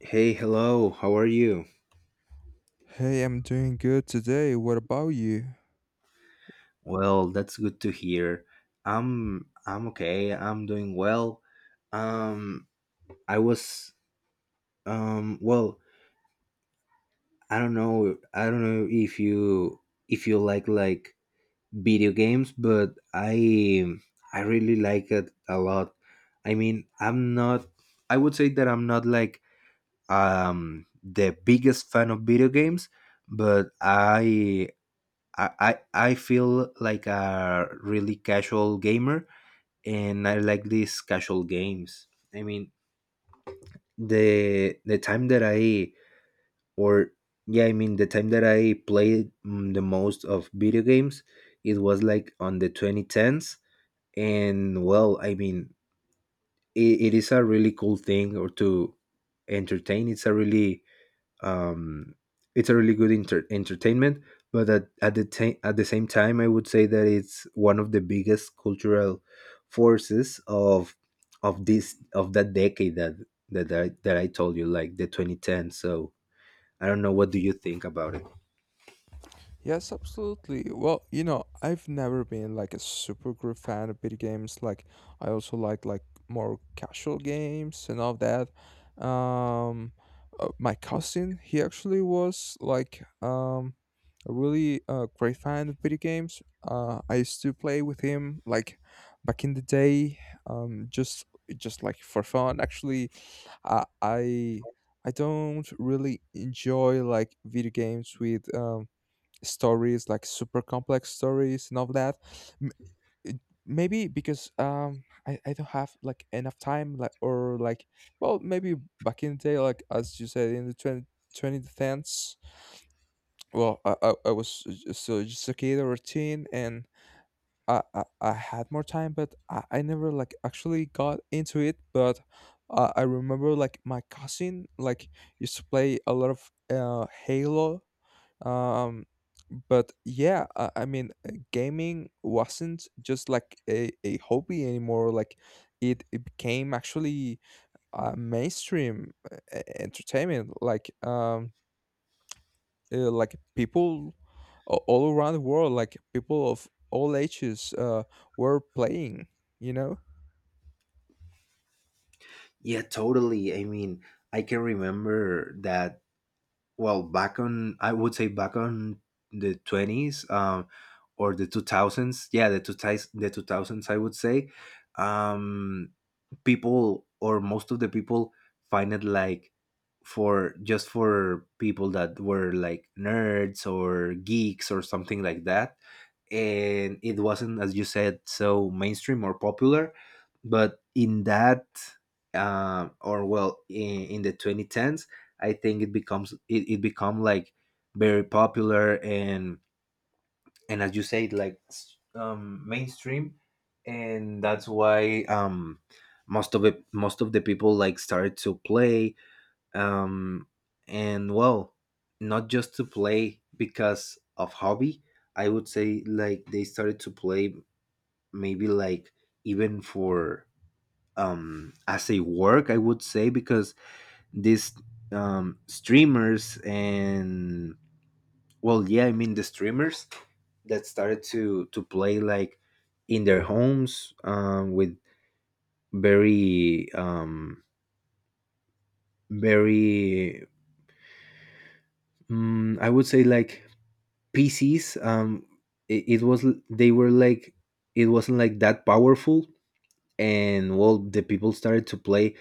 Hey, hello. How are you? Hey, I'm doing good today. What about you? Well, that's good to hear. I'm okay. I'm doing well. Um I was um well, I don't know. I don't know if you if you like video games, but I really like it a lot. I mean, I'm not I would say that I'm not like the biggest fan of video games, but I feel like a really casual gamer, and I like these casual games. I mean, the time that I or yeah, I mean the time that I played the most of video games. It was like on the 2010s, and well, I mean, it is a really cool thing or to entertain. Um, it's a really good entertainment, but at the at the same time I would say that it's one of the biggest cultural forces of this of that decade that that I told you, like the 2010. So I don't know, what do you think about it? Yes, absolutely. Well, I've never been like a super great fan of video games. Like, I also like more casual games and all that. Um, my cousin, he actually was like a really great fan of video games. I used to play with him like back in the day, um, just just like for fun, actually. I I I don't really enjoy like video games with stories like super complex stories and all that. M- it- Maybe because I don't have like enough time, like, or like, well, maybe back in the day like as you said in the 20 20 tens. Well, I was so just a kid or a teen, and I had more time, but I never like actually got into it. But I remember like my cousin like used to play a lot of Halo. Um, but yeah, I mean, gaming wasn't just like a hobby anymore. Like it became actually mainstream entertainment. Like people all around the world, like people of all ages were playing, you know? Yeah, totally. I mean, I can remember that. Well, back on I would say back on the 20s, or the 2000s. Yeah, the 2000s, the 2000s, I would say. um People, or most of the people, find it like for just for people that were like nerds or geeks or something like that. And it wasn't, as you said, so mainstream or popular. But in that, or well in the 2010s I think it becomes, it become like very popular. And as you said, like mainstream. And that's why, most of it most of the people like started to play, um, and well, not just to play because of hobby. I would say like they started to play maybe like even for, as a work I would say, because these, streamers. And well, yeah, I mean the streamers that started to play like in their homes, um, with very, um, very, I would say like PCs. It was, they were like, it wasn't like that powerful. And well, the people started to play,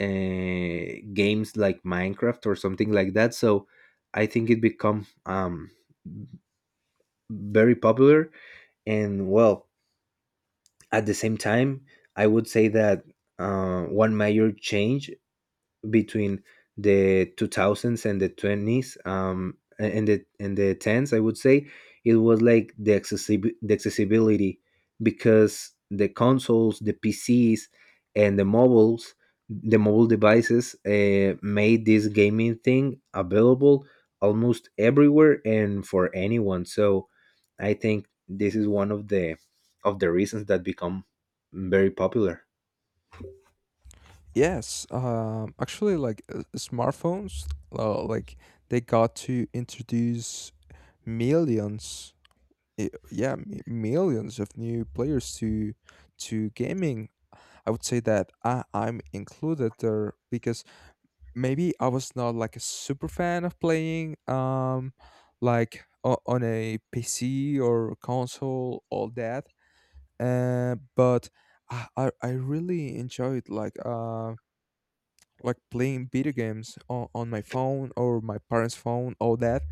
games like Minecraft or something like that. So I think it become, um, very popular. And well, at the same time, I would say that, one major change between the 2000s and the 20s, um, and the 10s, I would say it was like the accessibility, because the consoles, the PCs, and the mobiles, the mobile devices, made this gaming thing available almost everywhere and for anyone. So I think this is one of the reasons that become very popular. Yes, actually, like smartphones, like they got to introduce millions, yeah, millions of new players to gaming. I would say that I'm included there because maybe I was not like a super fan of playing like on a PC or console, all that, but I really enjoyed like playing video games on my phone or my parents phone, all that,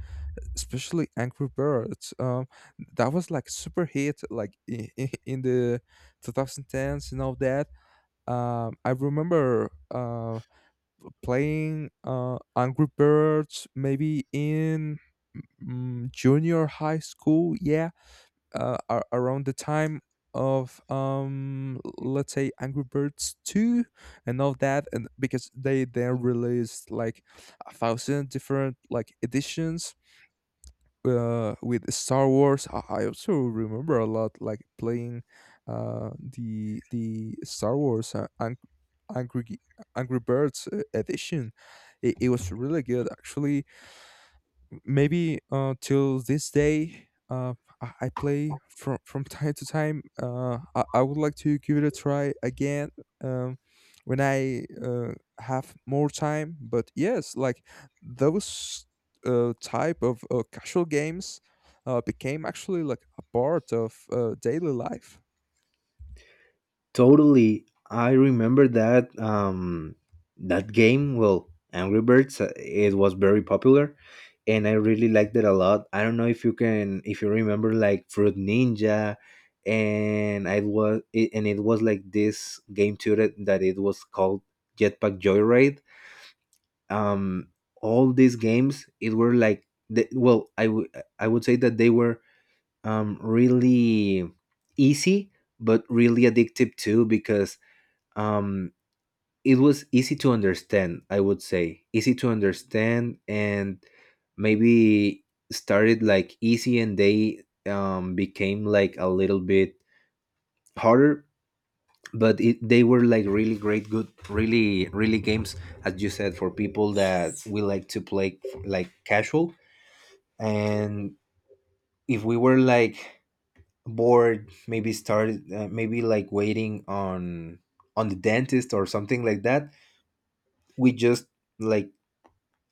especially Angry Birds. That was like super hit like in the 2010s and all that. I remember playing Angry Birds maybe in junior high school. Yeah, around the time of let's say Angry Birds 2 and all that. And because they then released like a thousand different like editions with Star Wars, I also remember a lot like playing the Star Wars Angry G- Angry Birds edition. It was really good, actually. Maybe till this day, I play from time to time. I would like to give it a try again, um, when I have more time. But yes, like those type of casual games became actually like a part of daily life. Totally. I remember that, um, that game, well, Angry Birds, it was very popular, and I really liked it a lot. I don't know if you can, if you remember, like Fruit Ninja. And it was like this game too, that, that it was called Jetpack Joyride. Um, all these games, it were like the, well, I would say that they were, um, really easy but really addictive too, because, um, it was easy to understand. I would say easy to understand. And maybe started like easy, and they, um, became like a little bit harder. But they were like really great good really really games, as you said, for people that we like to play like casual. And if we were like bored, maybe started, maybe like waiting on the dentist or something like that, we just like,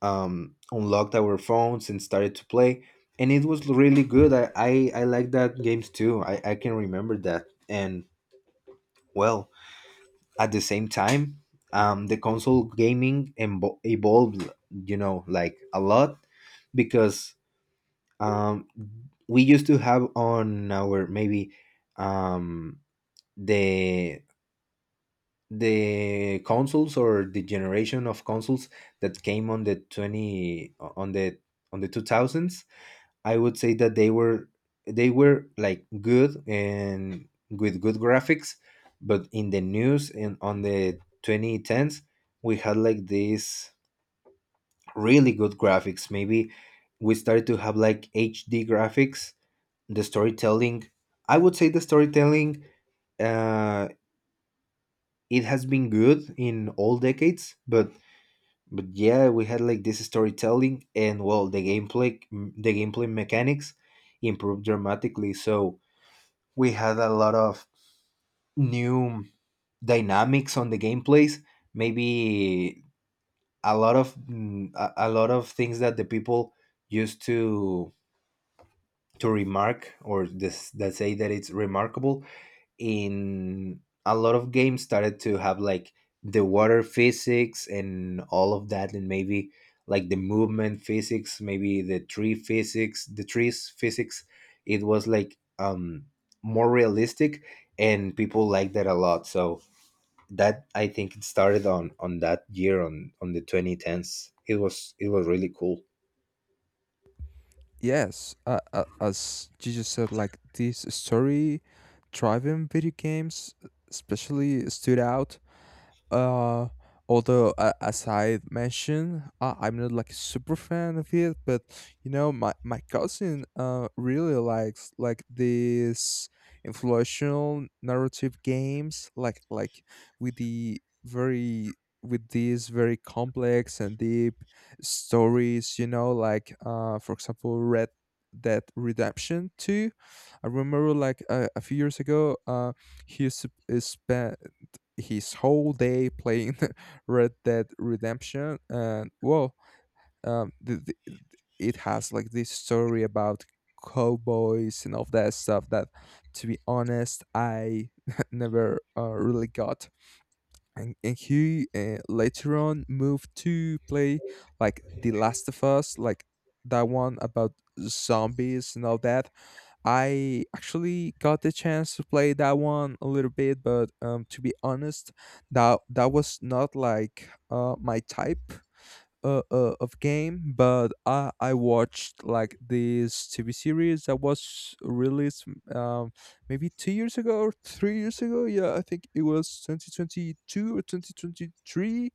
unlocked our phones and started to play. And it was really good. I like that games too. I can remember that. And well, at the same time, the console gaming evolved, you know, like a lot, because, um, we used to have on our maybe, um, the consoles or the generation of consoles that came on the 20 on the on the 2000s. I would say that they were like good and with good graphics, but in the news and on the 2010s, we had like these really good graphics. Maybe we started to have like HD graphics. The storytelling, I would say the storytelling, uh, it has been good in all decades, but yeah, we had like this storytelling. And well, the gameplay mechanics improved dramatically. So we had a lot of new dynamics on the gameplays. Maybe a lot of, a lot of things that the people used to remark, or this that say that it's remarkable in a lot of games, started to have like the water physics and all of that. And maybe like the movement physics, maybe the trees physics, it was like, um, more realistic, and people liked that a lot. So that I think it started on that year on the 2010s. It was, it was really cool. Yes, as you just said, like this story-driven video games especially stood out, uh, although, as I mentioned, I'm not like a super fan of it, but my cousin really likes like these influential narrative games, like with these very complex and deep stories. Like, for example, Red Dead Redemption Two. I remember like a few years ago. He used to spend his whole day playing Red Dead Redemption. And well, um, the, the, it has like this story about cowboys and all that stuff that, to be honest, I never really got. And he later on moved to play like The Last of Us, like that one about zombies and all that. I actually got the chance to play that one a little bit, but to be honest, that was not like my type of game. But I watched like this TV series that was released, um, maybe 2 years ago or 3 years ago. Yeah, I think it was 2022 or 2023.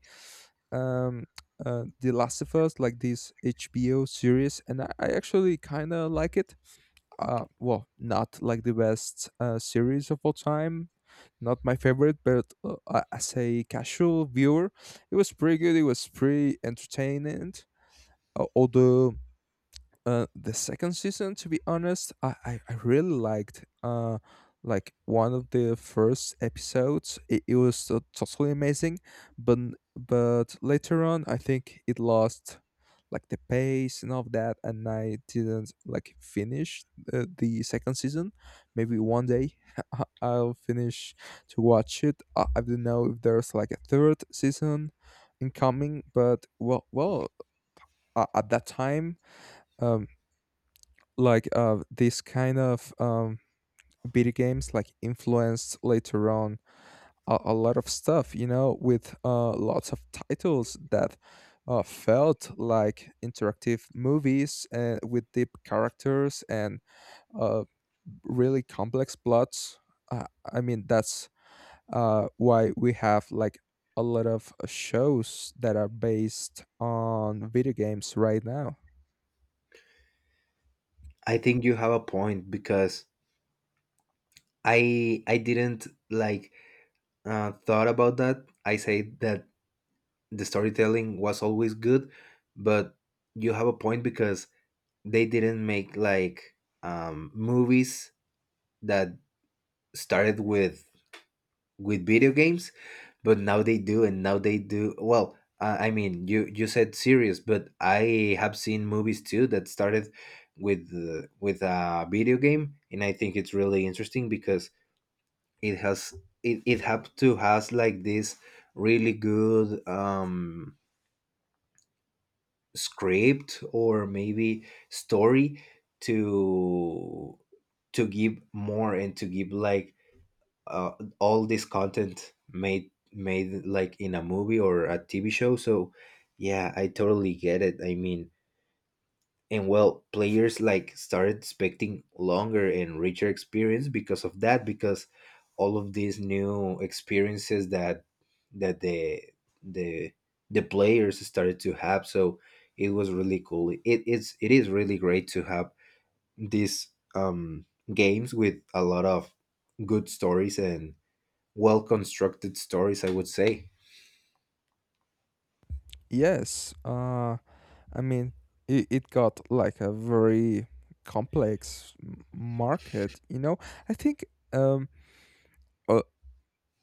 Um, The Last of Us, like this HBO series, and I actually kind of like it. Well, not like the best series of all time. Not my favorite, but as a casual viewer, it was pretty good. It was pretty entertaining. Although the second season, to be honest, I really liked, like one of the first episodes. It was totally amazing. But but later on I think it lost like the pace and all of that, and I didn't like finish the second season. Maybe one day I'll finish to watch it. I don't know if there's like a third season incoming. But, well, at that time, um like these kind of video games like influenced later on a lot of stuff, with lots of titles that felt like interactive movies and with deep characters and uh really complex plots. uh, I mean, that's why we have like a lot of shows that are based on video games right now. I think you have a point, because I didn't like, thought about that. I say that the storytelling was always good, but you have a point, because they didn't make like, movies that started with video games, but now they do, and now they do well. I mean, you said series, but I have seen movies too that started with, with a video game. And I think it's really interesting, because it has it have to has like this really good, um, script or maybe story to give more, and to give like, uh, all this content made like in a movie or a TV show. So yeah, I totally get it. I mean, and well, players like started expecting longer and richer experience, because of that, because all of these new experiences that that the the the players started to have. So it was really cool. It is really great to have these, um, games with a lot of good stories, and well constructed stories, I would say. Yes, I mean, it got like a very complex market. I think um a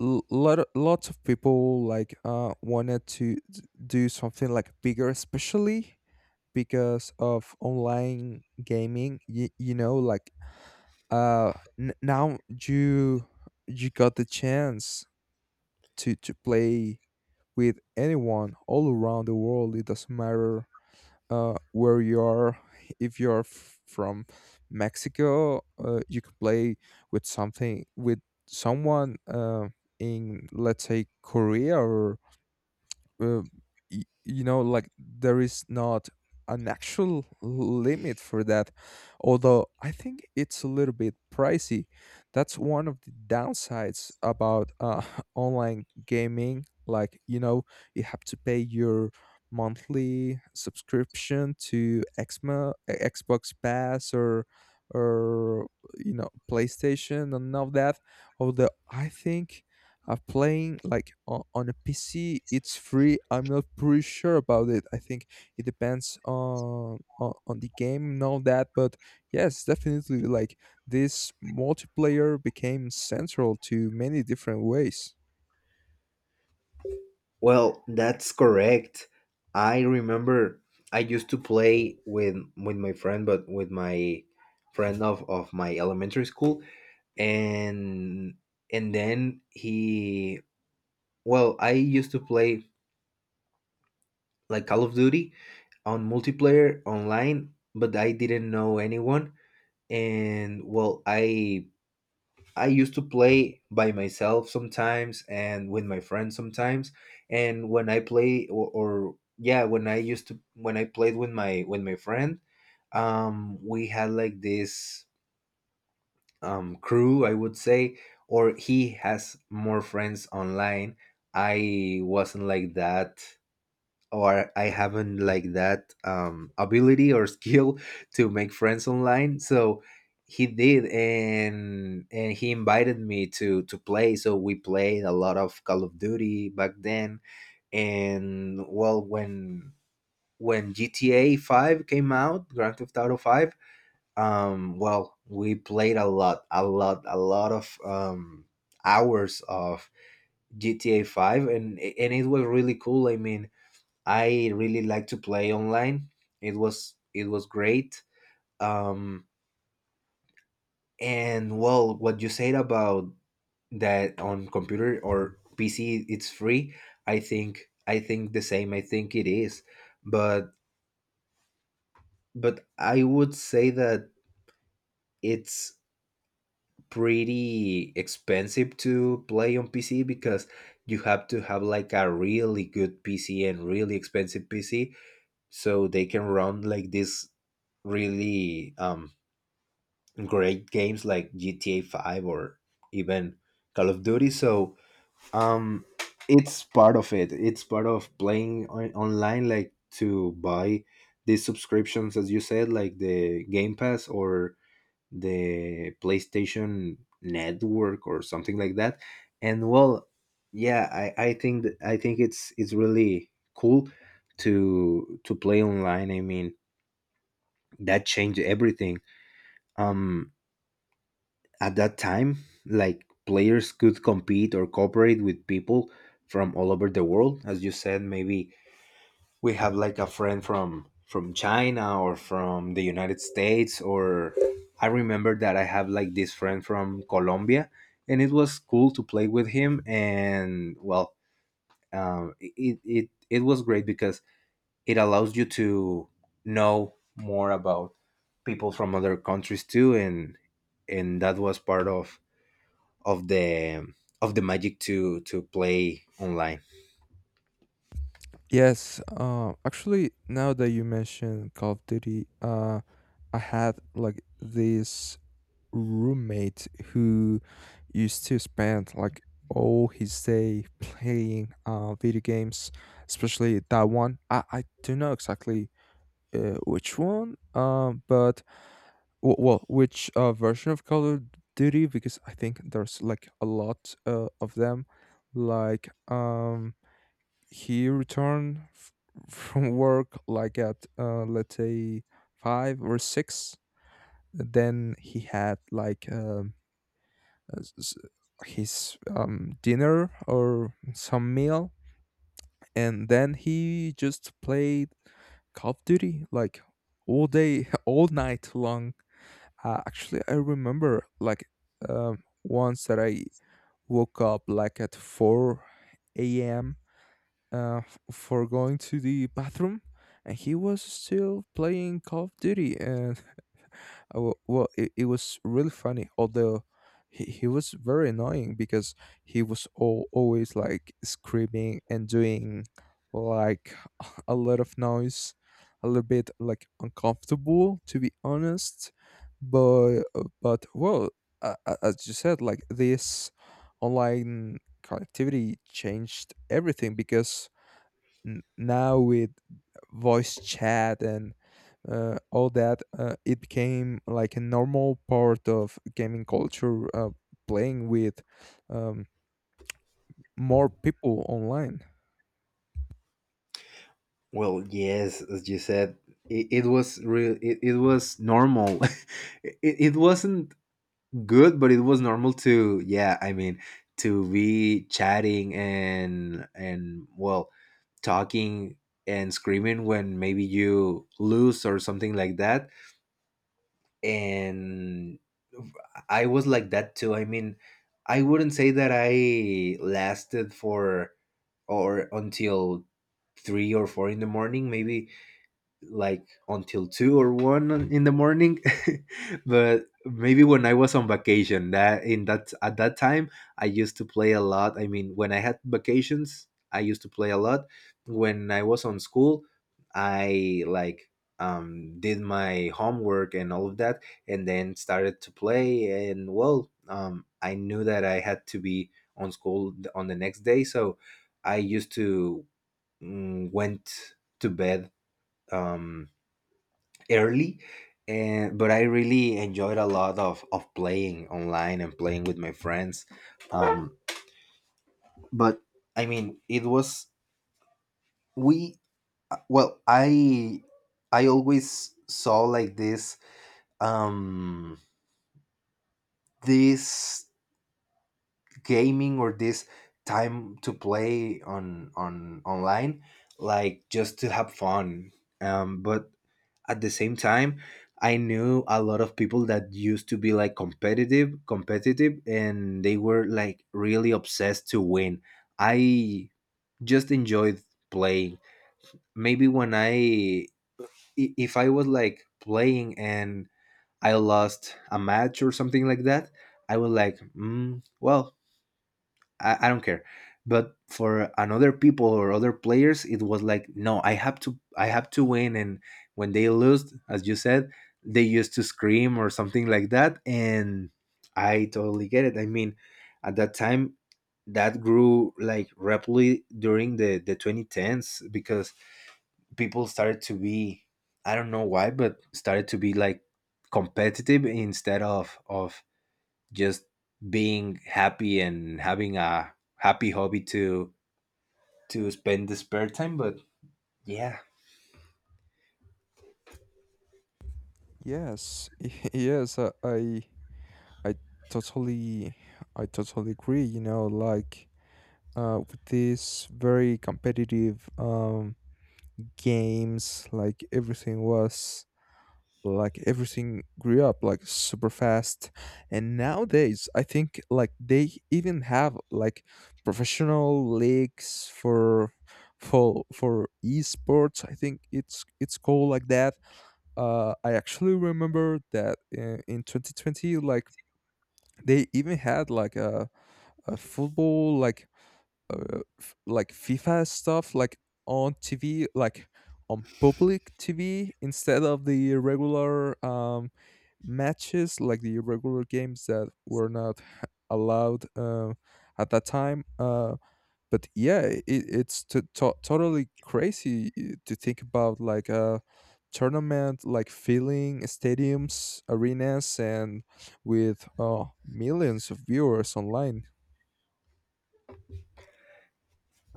lots of people like wanted to do something like bigger, especially because of online gaming. Like, uh now you got the chance to play with anyone all around the world. It doesn't matter where you are, if you're from Mexico, you can play with something with someone in, let's say, Korea, or, uh, like, there is not an actual limit for that. Although I think it's a little bit pricey. That's one of the downsides about online gaming. Like, you have to pay your monthly subscription to Xbox Pass, or, or PlayStation and all that. Although I think of playing like on a PC, it's free. I'm not pretty sure about it. I think it depends on on the game and all that. But yes, definitely, like this multiplayer became central to many different ways. Well, that's correct. I remember I used to play with my friend, but with my friend of my elementary school. And and then he I used to play like Call of Duty on multiplayer online, but I didn't know anyone. And well, I used to play by myself sometimes, and with my friends sometimes. And when I play or yeah, when I used to when I played with my friend, we had like this, crew, I would say, or he has more friends online. I wasn't like that, or I haven't like that, ability or skill to make friends online. So he did, and he invited me to play. So we played a lot of Call of Duty back then. And well, when GTA Five came out, Grand Theft Auto Five, well, we played a lot, a lot, a lot of, hours of GTA Five. And it was really cool. I mean, I really like to play online. It was great. Um, and well, what you said about that on computer or PC, it's free. I think the same. I think it is, but I would say that it's pretty expensive to play on PC, because you have to have like a really good PC and really expensive PC, so they can run like this really, um, great games like GTA 5, or even Call of Duty. So, um, it's part of it. It's part of playing online, like to buy these subscriptions, as you said, like the Game Pass or the PlayStation Network or something like that. And well, yeah, I think that, I think it's really cool to play online. I mean, that changed everything. Um, at that time, like players could compete or cooperate with people from all over the world. As you said, maybe we have like a friend from China or from the United States, or I remember that I have like this friend from Colombia, and it was cool to play with him. And well, it was great because it allows you to know more about people from other countries too, and that was part of of the of the magic to play online. Yes, actually, now that you mention Call of Duty, I had like this roommate who used to spend like all his day playing video games, especially that one. I don't know exactly which one, but well, which version of Call of Duty because I think there's like a lot of them, like he returned from work like at, let's say, five or six. Then he had like uh, s- s- his dinner or some meal. And then he just played Call of Duty like all day, all night long. Actually, I remember like once that I woke up like at 4 a.m. For going to the bathroom, and he was still playing Call of Duty. And well, it was really funny, although he was very annoying because he was always like screaming and doing like a lot of noise. A little bit like uncomfortable, to be honest. But but well as you said, like this online connectivity changed everything because now with voice chat and all that, it became like a normal part of gaming culture, playing with um, more people online. Well, yes, as you said, it was real, it was normal. It wasn't good, but it was normal to, yeah, I mean, to be chatting and well talking and screaming when maybe you lose or something like that. And I was like that too. I mean, I wouldn't say that I lasted for or until three or four in the morning, maybe like until two or in the morning. But maybe when I was on vacation, that in that at that time I used to play a lot. I mean, when I had vacations, I used to play a lot. When I was on school, I like did my homework and all of that, and then started to play. And well, I knew that I had to be on on the next day, so I used to went to bed um early. And but I really enjoyed a lot of playing online and playing with my friends. um but I mean, it was, we uh, well i I always saw like this um this gaming or this time to play on online like just to have fun. But at the same time, I knew a lot of people that used to be like competitive, and they were like really obsessed to win. I just enjoyed playing. Maybe when if I was like playing and I lost a match or something like that, I was like, well, I don't care. But for another people or other players, it was like, no, I have to win. And when they lose, as you said, they used to scream or something like that. And I totally get it. I mean, at that time, that grew like rapidly during the 2010s because people started to be, I don't know why, but started to be like competitive instead of just being happy and having a happy hobby to spend the spare time. But yeah. Yes, yes, I totally, I totally agree. Like, with these very competitive games, like everything grew up like super fast. And nowadays I think like they even have like professional leagues for esports. I think it's called like that. I actually remember that, in 2020, like they even had like a football, like, like FIFA stuff, like on TV, like on public TV instead of the regular, matches, like the regular games that were not allowed at that time. But yeah, it's totally crazy, to think about like a tournament like filling stadiums, arenas, and with millions of viewers online.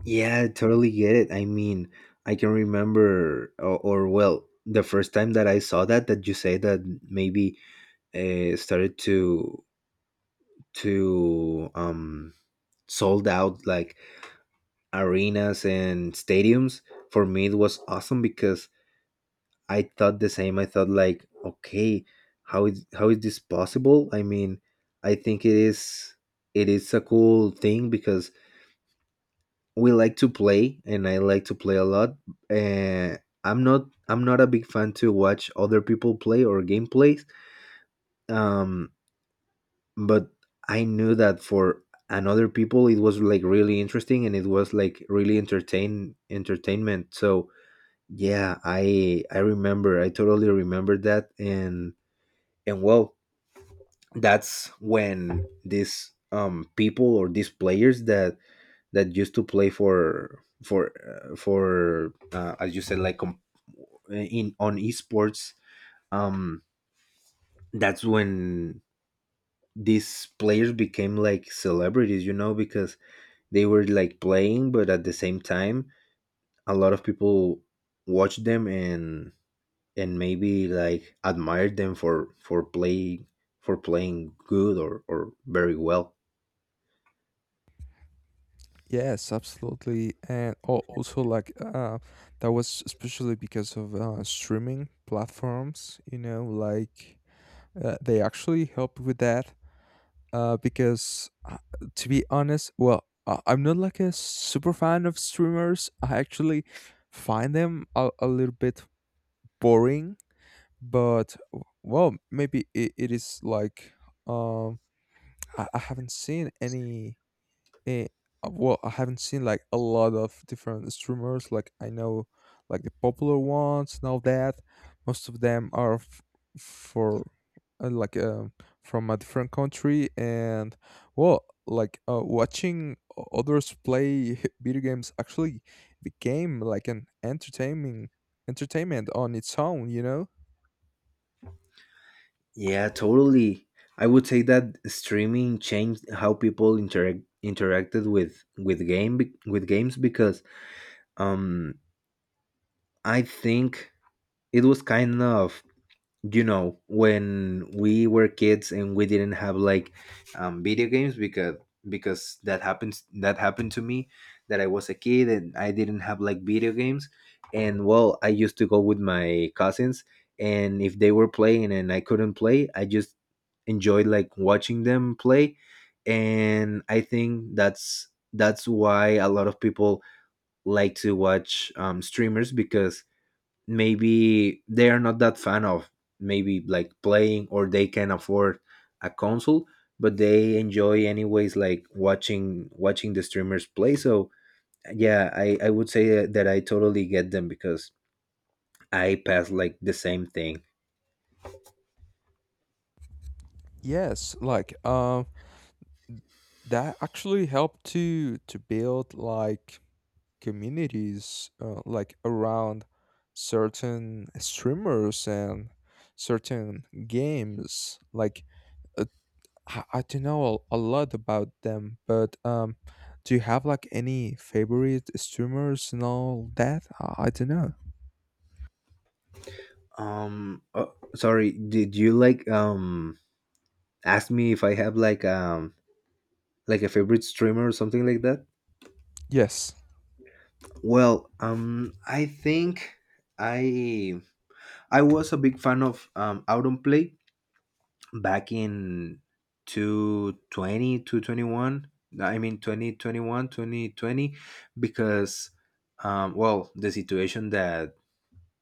Yeah, I totally get it. I mean, I can remember, or well, the first time that I saw that, that you say that maybe started to um sold out like arenas and stadiums. For me, it was awesome because I thought the same. I thought like, okay, how is this possible? I mean, I think it is a cool thing because we like to play and I like to play a lot. Uh, I'm not a big fan to watch other people play or gameplays. Um, but I knew that for another people it was like really interesting, and it was like really entertainment. So yeah, I remember, I totally remember that. And well, that's when these people or these players that that used to play for for as you said, like in on esports, um that's when these players became like celebrities, you know, because they were like playing, but at the same time a lot of people watched them, and maybe like admired them for playing good or very well. Yes, absolutely. And oh, also like that was especially because of streaming platforms. Like, they actually help with that. Because to be honest, well, I'm not like a super fan of streamers. I actually find them a little bit boring. But well, maybe it is like um, I, I haven't seen any Eh, I haven't seen like a lot of different streamers. Like I know, like the popular ones now that. Most of them are for like from a different country. And well, like watching others play video games actually became like an entertaining entertainment on its own, you know? Yeah, totally. I would say that streaming changed how people interacted with game with games because um I think it was kind of, you know, when we were kids and we didn't have like video games, because that happens that happened to me that I was a kid and I didn't have like video games. And well, I used to go with my cousins, and if they were playing and I couldn't play, I just enjoyed like watching them play. And I think that's why a lot of people like to watch streamers, because maybe they are not that fan of maybe like playing, or they can afford a console, but they enjoy anyways like watching watching the streamers play. So yeah, I would say that I totally get them, because I pass like the same thing. Yes, like that actually helped to build like communities, like around certain streamers and certain games. Like I don't know a lot about them, but do you have like any favorite streamers and all that? I don't know. Oh, sorry, did you like ask me if I have like a favorite streamer or something like that? Yes. Well, I think i I was a big fan of autumn back in two twenty one, I mean 2021, 2020, because well, the situation that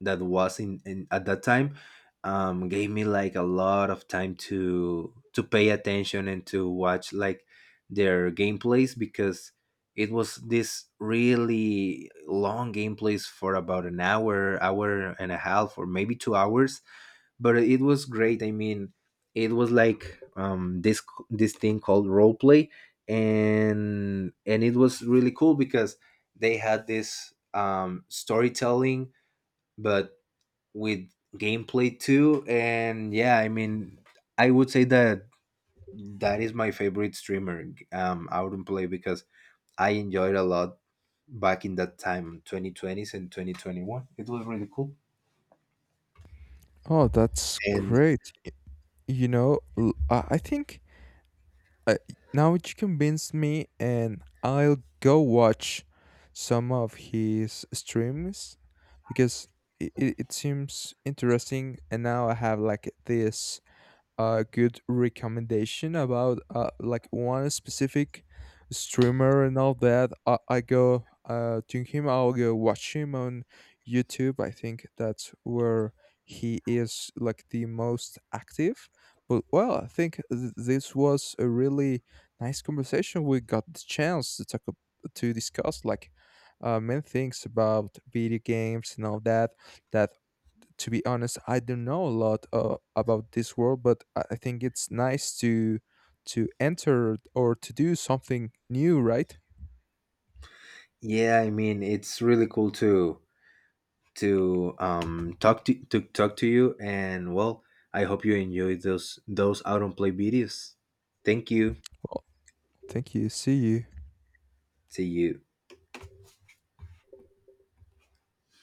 that was in at that time, gave me like a lot of time to pay attention and to watch like their gameplays, because it was this really long gameplays for about an hour and a half or maybe 2 hours. But it was great. I mean, it was like, this this thing called role play, and it was really cool because they had this storytelling but with gameplay too. And yeah, I mean, I would say that that is my favorite streamer, out in play, because I enjoyed a lot back in that time, 2020s and 2021. It was really cool. Oh, that's And great. I think uh, now you convinced me, and I'll go watch some of his streams because it seems interesting. And now I have like this a good recommendation about like one specific streamer and all that, I go to him. I'll go watch him on YouTube. I think that's where he is like the most active. But well, I think this was a really nice conversation. We got the chance to talk to discuss like many things about video games and all that, that, to be honest, I don't know a lot about this world, but I think it's nice to enter or to do something new, right? yeah, I mean, it's really cool to talk to talk to you. And well, I hope you enjoyed those out on play videos. Thank you. Well, thank you. See you. See you.